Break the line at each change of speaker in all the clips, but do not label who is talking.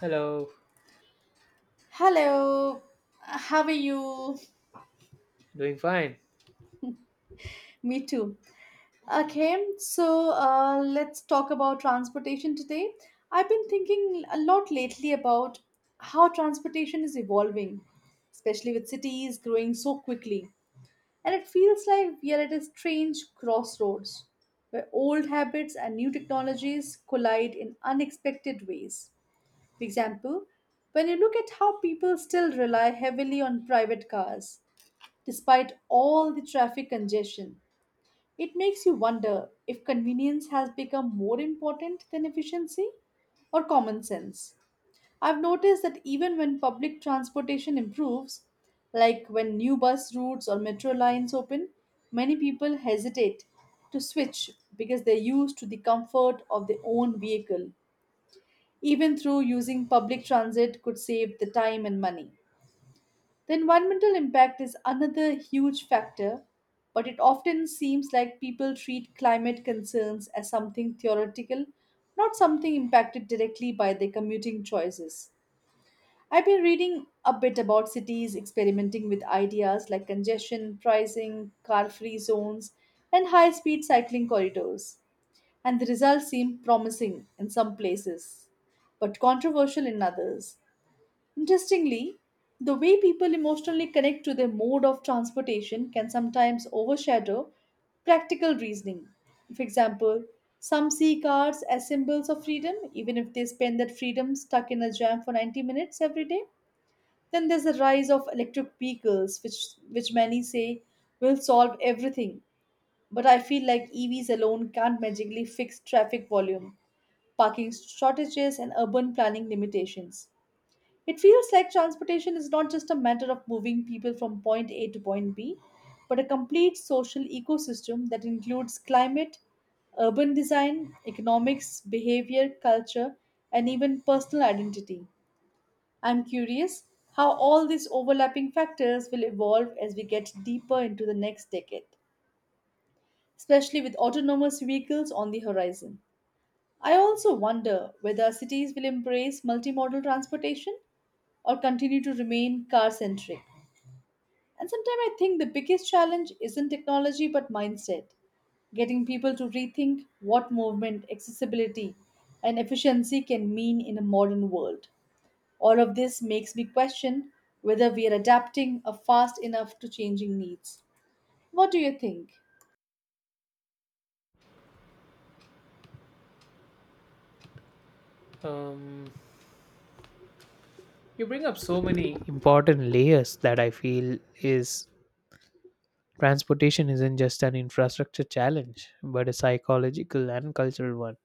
Hello,
Hello, how are you?
doing fine.
Me too. Okay, let's talk about transportation today. I've been thinking a lot lately about how transportation is evolving, especially with cities growing so quickly. And it feels like we are at a strange crossroads where old habits and new technologies collide in unexpected ways. For example, when you look at how people still rely heavily on private cars, despite all the traffic congestion. It makes you wonder if convenience has become more important than efficiency or common sense. I've noticed that even when public transportation improves, like when new bus routes or metro lines open, many people hesitate to switch because they're used to the comfort of their own vehicle. Even through using public transit could save the time and money. The environmental impact is another huge factor, but it often seems like people treat climate concerns as something theoretical, not something impacted directly by their commuting choices. I've been reading a bit about cities experimenting with ideas like congestion pricing, car free zones, and high speed cycling corridors, and the results seem promising in some places, but controversial in others. Interestingly, the way people emotionally connect to their mode of transportation can sometimes overshadow practical reasoning. For example, some see cars as symbols of freedom, even if they spend that freedom stuck in a jam for 90 minutes every day. Then there's the rise of electric vehicles, which many say will solve everything. But I feel like EVs alone can't magically fix traffic volume, parking shortages, and urban planning limitations. It feels like transportation is not just a matter of moving people from point A to point B, but a complete social ecosystem that includes climate, urban design, economics, behavior, culture, and even personal identity. I'm curious how all these overlapping factors will evolve as we get deeper into the next decade, especially with autonomous vehicles on the horizon. I also wonder whether cities will embrace multimodal transportation or continue to remain car centric. And sometimes I think the biggest challenge isn't technology but mindset, getting people to rethink what movement, accessibility, and efficiency can mean in a modern world. All of this makes me question whether we are adapting or fast enough to changing needs. What do you think?
Um, you bring up so many important layers that I feel is transportation isn't just an infrastructure challenge, but a psychological and cultural one.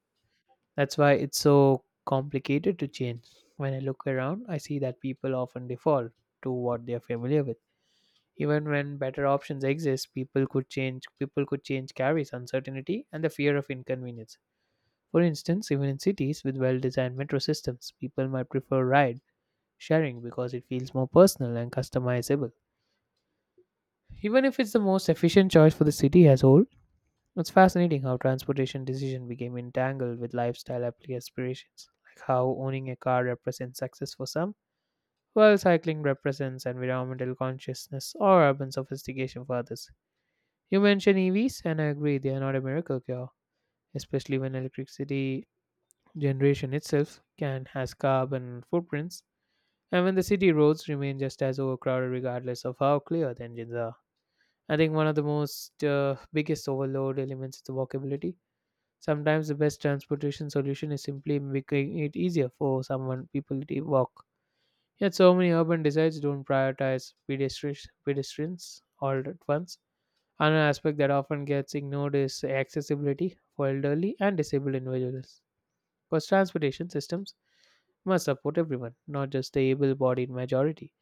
That's why it's so complicated to change. When I look around, I see that people often default to what they're familiar with. Even when better options exist, people could change carries uncertainty and the fear of inconvenience. For instance, even in cities with well-designed metro systems, people might prefer rides sharing because it feels more personal and customizable. Even if it's the most efficient choice for the city as a whole, it's fascinating how transportation decision became entangled with lifestyle aspirations, like how owning a car represents success for some, while cycling represents environmental consciousness or urban sophistication for others. You mentioned EVs, and I agree they are not a miracle cure, especially when electricity generation itself can has carbon footprints. And when the city roads remain just as overcrowded, regardless of how clear the engines are. I think one of the most biggest overload elements is the walkability. Sometimes the best transportation solution is simply making it easier for someone people to walk. Yet so many urban designs don't prioritize pedestrians all at once. Another aspect that often gets ignored is accessibility for elderly and disabled individuals. Because transportation systems must support everyone, not just the able-bodied majority.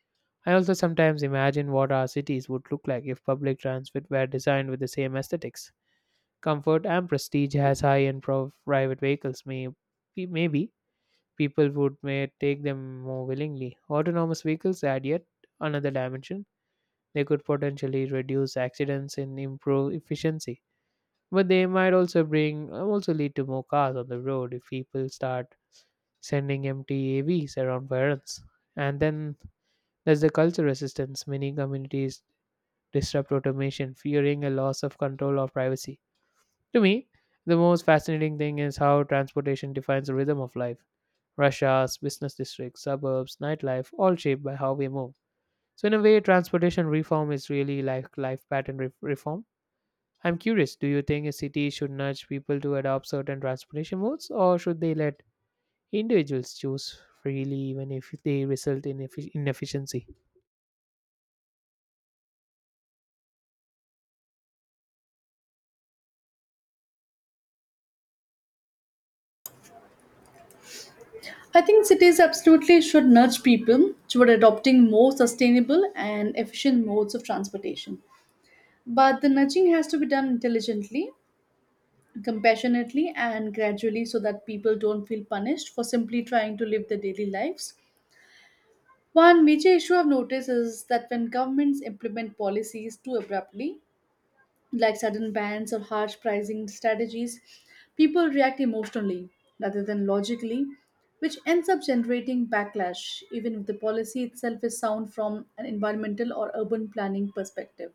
I also sometimes imagine what our cities would look like if public transit were designed with the same aesthetics, comfort, and prestige as high-end private vehicles may be. Maybe people would may take them more willingly. Autonomous vehicles add yet another dimension. They could potentially reduce accidents and improve efficiency, but they might also lead to more cars on the road if people start sending empty AVs around for errands. And then there's the cultural resistance. Many communities disrupt automation, fearing a loss of control or privacy. To me, the most fascinating thing is how transportation defines the rhythm of life. Rush hours, business districts, suburbs, nightlife, all shaped by how we move. So, in a way, transportation reform is really like life pattern reform. I'm curious, do you think a city should nudge people to adopt certain transportation modes, or should they let individuals choose freely even if they result in inefficiency?
I think cities absolutely should nudge people toward adopting more sustainable and efficient modes of transportation. But the nudging has to be done intelligently, compassionately, and gradually so that people don't feel punished for simply trying to live their daily lives. One major issue I've noticed is that when governments implement policies too abruptly, like sudden bans or harsh pricing strategies, people react emotionally rather than logically, which ends up generating backlash, even if the policy itself is sound from an environmental or urban planning perspective.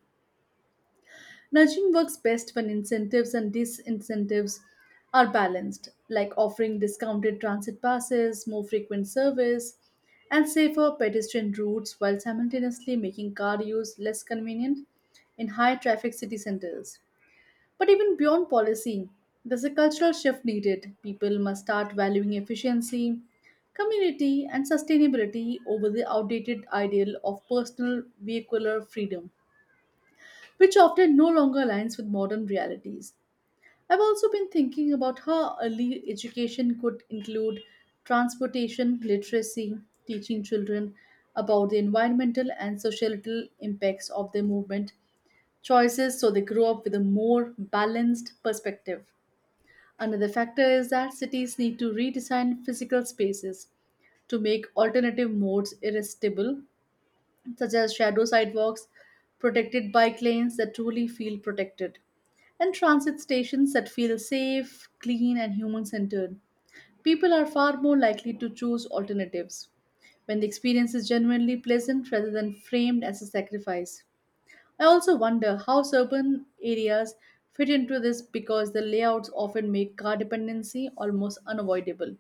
Nudging works best when incentives and disincentives are balanced, like offering discounted transit passes, more frequent service, and safer pedestrian routes while simultaneously making car use less convenient in high traffic city centers. But even beyond policy, there's a cultural shift needed. People must start valuing efficiency, community, and sustainability over the outdated ideal of personal vehicular freedom, which often no longer aligns with modern realities. I've also been thinking about how early education could include transportation literacy, teaching children about the environmental and societal impacts of their movement choices so they grow up with a more balanced perspective. Another factor is that cities need to redesign physical spaces to make alternative modes irresistible, such as shadow sidewalks, protected bike lanes that truly feel protected, and transit stations that feel safe, clean, and human centered. People are far more likely to choose alternatives when the experience is genuinely pleasant rather than framed as a sacrifice. I also wonder how urban areas fit into this because the layouts often make car dependency almost unavoidable,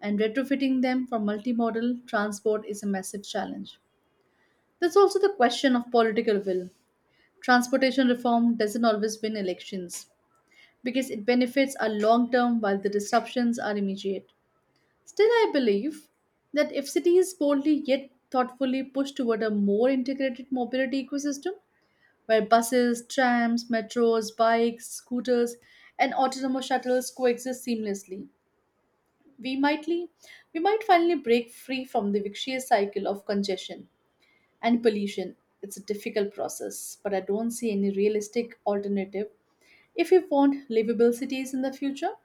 and retrofitting them for multimodal transport is a massive challenge. There's also the question of political will. Transportation reform doesn't always win elections because its benefits are long term while the disruptions are immediate. Still, I believe that if cities boldly yet thoughtfully push toward a more integrated mobility ecosystem, where buses, trams, metros, bikes, scooters, and autonomous shuttles coexist seamlessly. We mightly, we might finally break free from the vicious cycle of congestion and pollution. It's a difficult process, but I don't see any realistic alternative if we want livable cities in the future.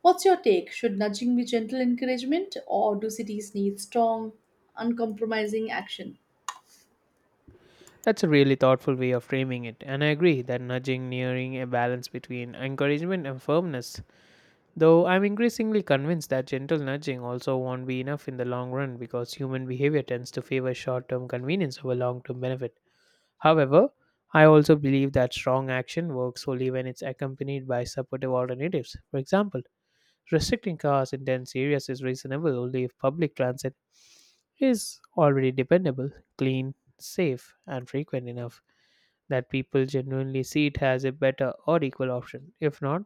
What's your take? Should nudging be gentle encouragement, or do cities need strong, uncompromising action?
That's a really thoughtful way of framing it, and I agree that nudging nearing a balance between encouragement and firmness. Though I'm increasingly convinced that gentle nudging also won't be enough in the long run because human behavior tends to favor short term convenience over long term benefit. However, I also believe that strong action works only when it's accompanied by supportive alternatives. For example, restricting cars in dense areas is reasonable only if public transit is already dependable, clean, safe, and frequent enough that people genuinely see it as a better or equal option. If not,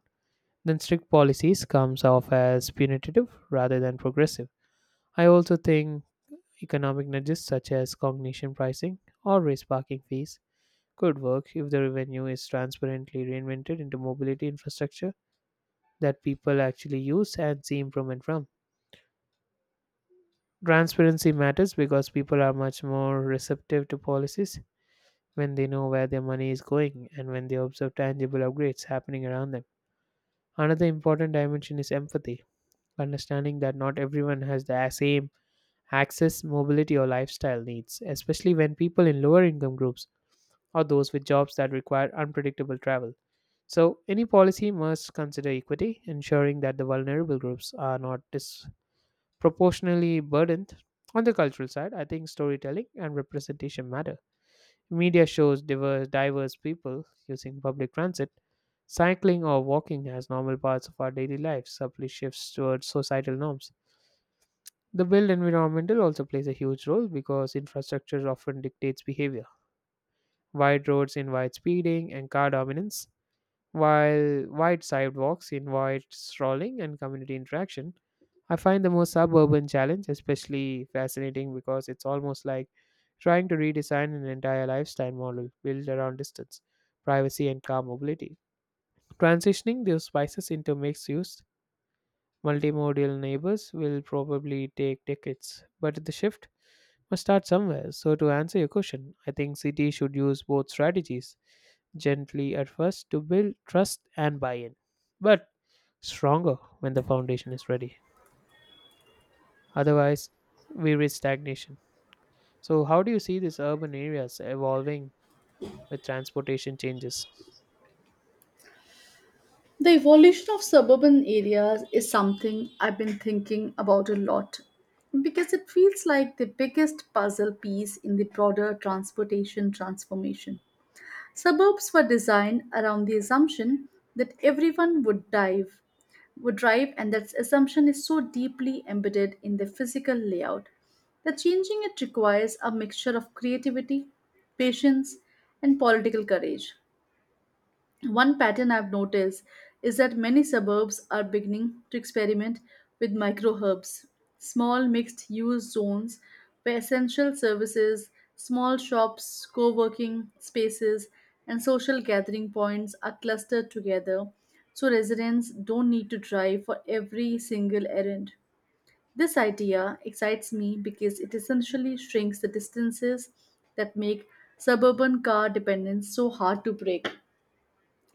then strict policies comes off as punitive rather than progressive. I also think economic nudges such as cognition pricing or raise parking fees could work if the revenue is transparently reinvented into mobility infrastructure that people actually use and see improvement from. Transparency matters because people are much more receptive to policies when they know where their money is going and when they observe tangible upgrades happening around them. Another important dimension is empathy, understanding that not everyone has the same access, mobility, or lifestyle needs, especially when people in lower income groups or those with jobs that require unpredictable travel. So, any policy must consider equity, ensuring that the vulnerable groups are not proportionally burdened. On the cultural side, I think storytelling and representation matter. Media shows diverse people using public transit, cycling, or walking as normal parts of our daily lives, subtly shifts towards societal norms. The built environmental also plays a huge role because infrastructure often dictates behavior. Wide roads invite speeding and car dominance, while wide sidewalks invite strolling and community interaction. I find the most suburban challenge especially fascinating because it's almost like trying to redesign an entire lifestyle model built around distance, privacy, and car mobility. Transitioning those spices into mixed use, multimodal neighbors will probably take decades, but the shift must start somewhere. So, to answer your question, I think cities should use both strategies gently at first to build trust and buy in, but stronger when the foundation is ready. Otherwise, we reach stagnation. So, how do you see these urban areas evolving with transportation changes?
The evolution of suburban areas is something I've been thinking about a lot because it feels like the biggest puzzle piece in the broader transportation transformation. Suburbs were designed around the assumption that everyone would drive and that assumption is so deeply embedded in the physical layout that changing it requires a mixture of creativity, patience, and political courage. One pattern I've noticed is that many suburbs are beginning to experiment with micro hubs, small mixed use zones where essential services, small shops, co working spaces, and social gathering points are clustered together so residents don't need to drive for every single errand. This idea excites me because it essentially shrinks the distances that make suburban car dependence so hard to break.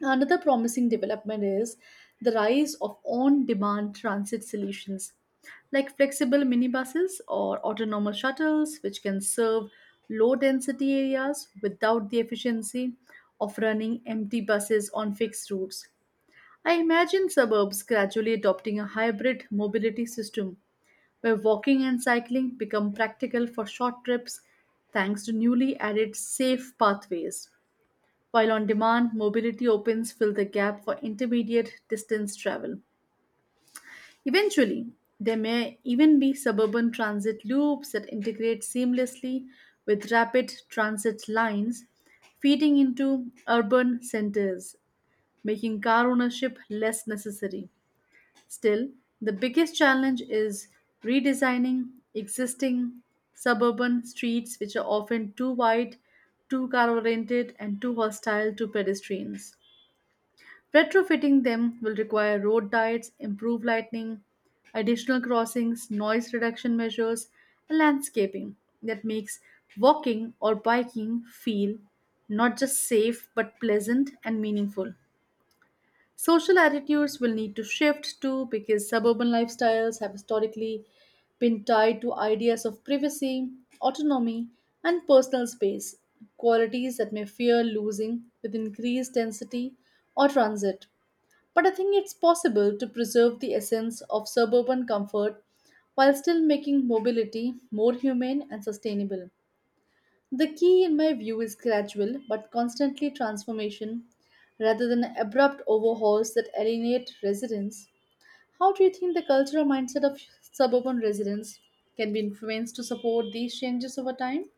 Another promising development is the rise of on demand transit solutions like flexible minibuses or autonomous shuttles, which can serve low density areas without the efficiency of running empty buses on fixed routes. I imagine suburbs gradually adopting a hybrid mobility system where walking and cycling become practical for short trips thanks to newly added safe pathways while on demand mobility opens fill the gap for intermediate distance travel. Eventually, there may even be suburban transit loops that integrate seamlessly with rapid transit lines, feeding into urban centers, making car ownership less necessary. Still, the biggest challenge is redesigning existing suburban streets, which are often too wide, too car oriented, and too hostile to pedestrians. Retrofitting them will require road diets, improved lighting, additional crossings, noise reduction measures, and landscaping that makes walking or biking feel not just safe but pleasant and meaningful. Social attitudes will need to shift too because suburban lifestyles have historically been tied to ideas of privacy, autonomy, and personal space, qualities that may fear losing with increased density or transit. But I think it's possible to preserve the essence of suburban comfort while still making mobility more humane and sustainable. The key, in my view, is gradual but constantly transformation rather than abrupt overhauls that alienate residents. How do you think the cultural mindset of suburban residents can be influenced to support these changes over time?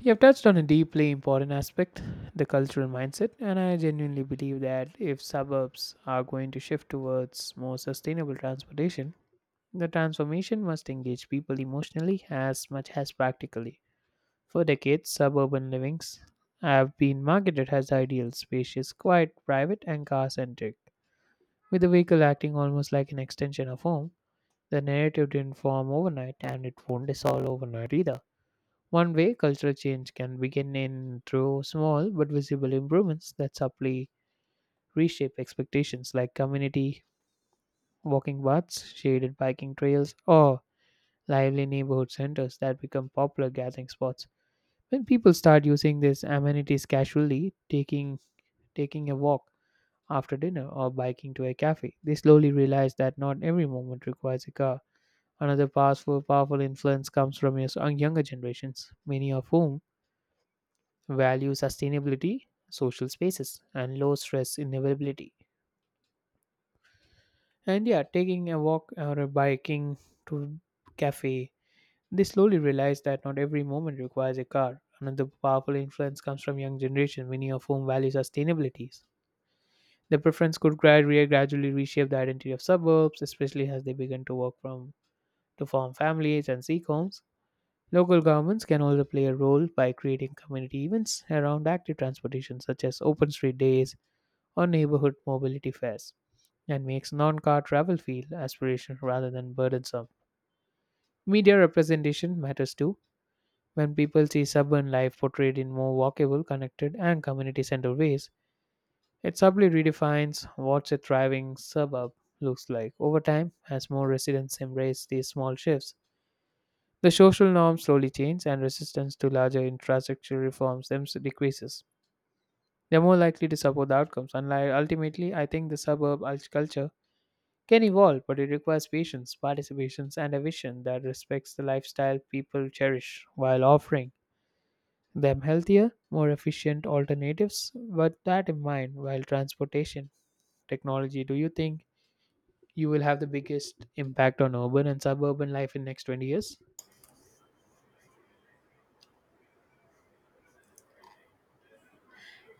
You have touched on a deeply important aspect, the cultural mindset, and I genuinely believe that if suburbs are going to shift towards more sustainable transportation, the transformation must engage people emotionally as much as practically. For decades, suburban livings have been marketed as ideal, spacious, quiet, private, and car centric, with the vehicle acting almost like an extension of home. The narrative didn't form overnight and it won't dissolve overnight either. One way cultural change can begin in through small but visible improvements that subtly reshape expectations like community walking paths, shaded biking trails, or lively neighborhood centers that become popular gathering spots. When people start using these amenities casually, taking a walk after dinner or biking to a cafe, they slowly realize that not every moment requires a car. Another powerful influence comes from younger generations, many of whom value sustainability, social spaces, and low stress inevitability. And yeah, taking a walk or a biking to cafe, they slowly realize that not every moment requires a car. Another powerful influence comes from young generation, many of whom value sustainabilities. The preference could gradually reshape the identity of suburbs, especially as they begin to work from to form families and seek homes. Local governments can also play a role by creating community events around active transportation, such as open street days or neighborhood mobility fairs, and makes non car travel feel aspirational rather than burdensome. Media representation matters too. When people see suburban life portrayed in more walkable, connected, and community centered ways, it subtly redefines what a thriving suburb looks like. Over time, as more residents embrace these small shifts, the social norms slowly change, and resistance to larger infrastructure reforms them decreases. They're more likely to support the outcomes. And ultimately, I think the culture can evolve, but it requires patience, participations, and a vision that respects the lifestyle people cherish while offering them healthier, more efficient alternatives. But that in mind, while transportation technology, do you think you will have the biggest impact on urban and suburban life in next 20 years?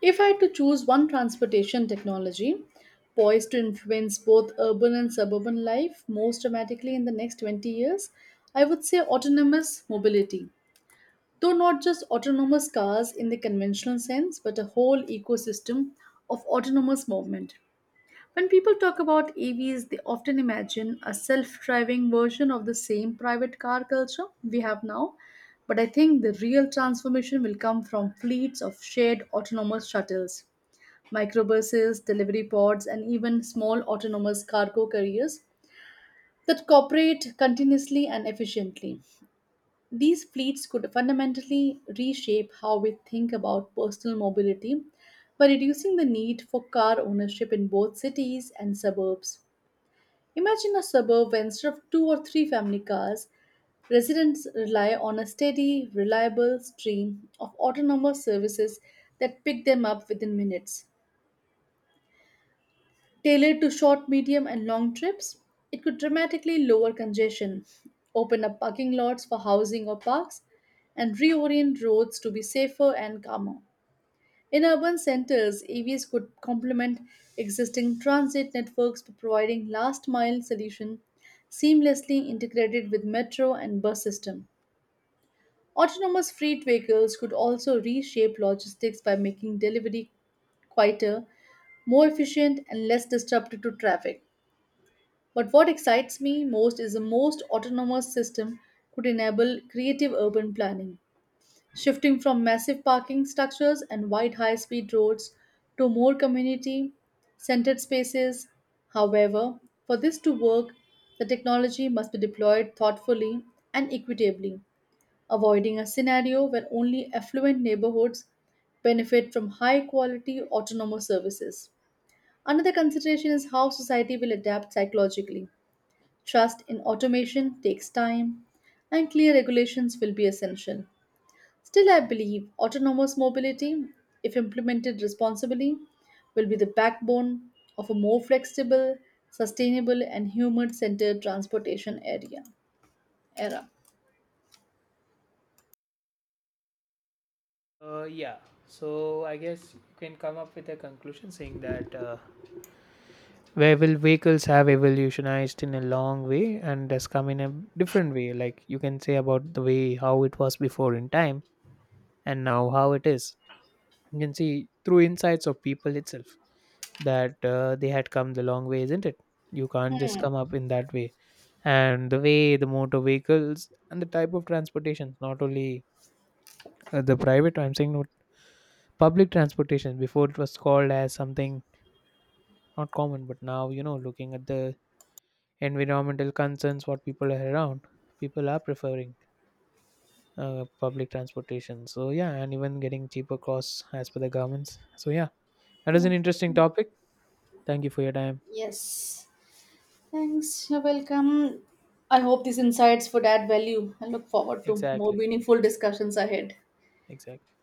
If I had to choose one transportation technology poised to influence both urban and suburban life most dramatically in the next 20 years, I would say autonomous mobility. Though not just autonomous cars in the conventional sense, but a whole ecosystem of autonomous movement. When people talk about EVs, they often imagine a self driving version of the same private car culture we have now. But I think the real transformation will come from fleets of shared autonomous shuttles microbuses, delivery pods, and even small autonomous cargo carriers that cooperate continuously and efficiently. These fleets could fundamentally reshape how we think about personal mobility by reducing the need for car ownership in both cities and suburbs. Imagine a suburb where instead of two or three family cars, residents rely on a steady, reliable stream of autonomous services that pick them up within minutes. Tailored to short, medium, and long trips, it could dramatically lower congestion, open up parking lots for housing or parks, and reorient roads to be safer and calmer. In urban centers, EVs could complement existing transit networks by providing last mile solution seamlessly integrated with metro and bus system. Autonomous freight vehicles could also reshape logistics by making delivery quieter, more efficient, and less disruptive to traffic. But what excites me most is the most autonomous system could enable creative urban planning, shifting from massive parking structures and wide high speed roads to more community centered spaces. However, for this to work, the technology must be deployed thoughtfully and equitably, avoiding a scenario where only affluent neighborhoods benefit from high quality autonomous services. Another consideration is how society will adapt psychologically. Trust in automation takes time, and clear regulations will be essential. Still, I believe autonomous mobility, if implemented responsibly, will be the backbone of a more flexible, sustainable, and human centered transportation area. Era.
Uh, yeah, so I guess you can come up with a conclusion saying that where will vehicles have evolutionized in a long way and has come in a different way. Like you can say about the way how it was before in time and now how it is. You can see through insights of people itself that they had come the long way, isn't it? You can't just come up in that way. And the way the motor vehicles and the type of transportation, not only the private, I'm saying no public transportation before it was called as something not common but now, you know, looking at the environmental concerns what people are around people are preferring public transportation. So yeah, and even getting cheaper costs as per the governments. So yeah, that is an interesting topic. Thank you for your time.
Yes. Thanks, you're welcome. I hope these insights would add value and look forward to more
Exactly.
meaningful discussions ahead.
Exactly.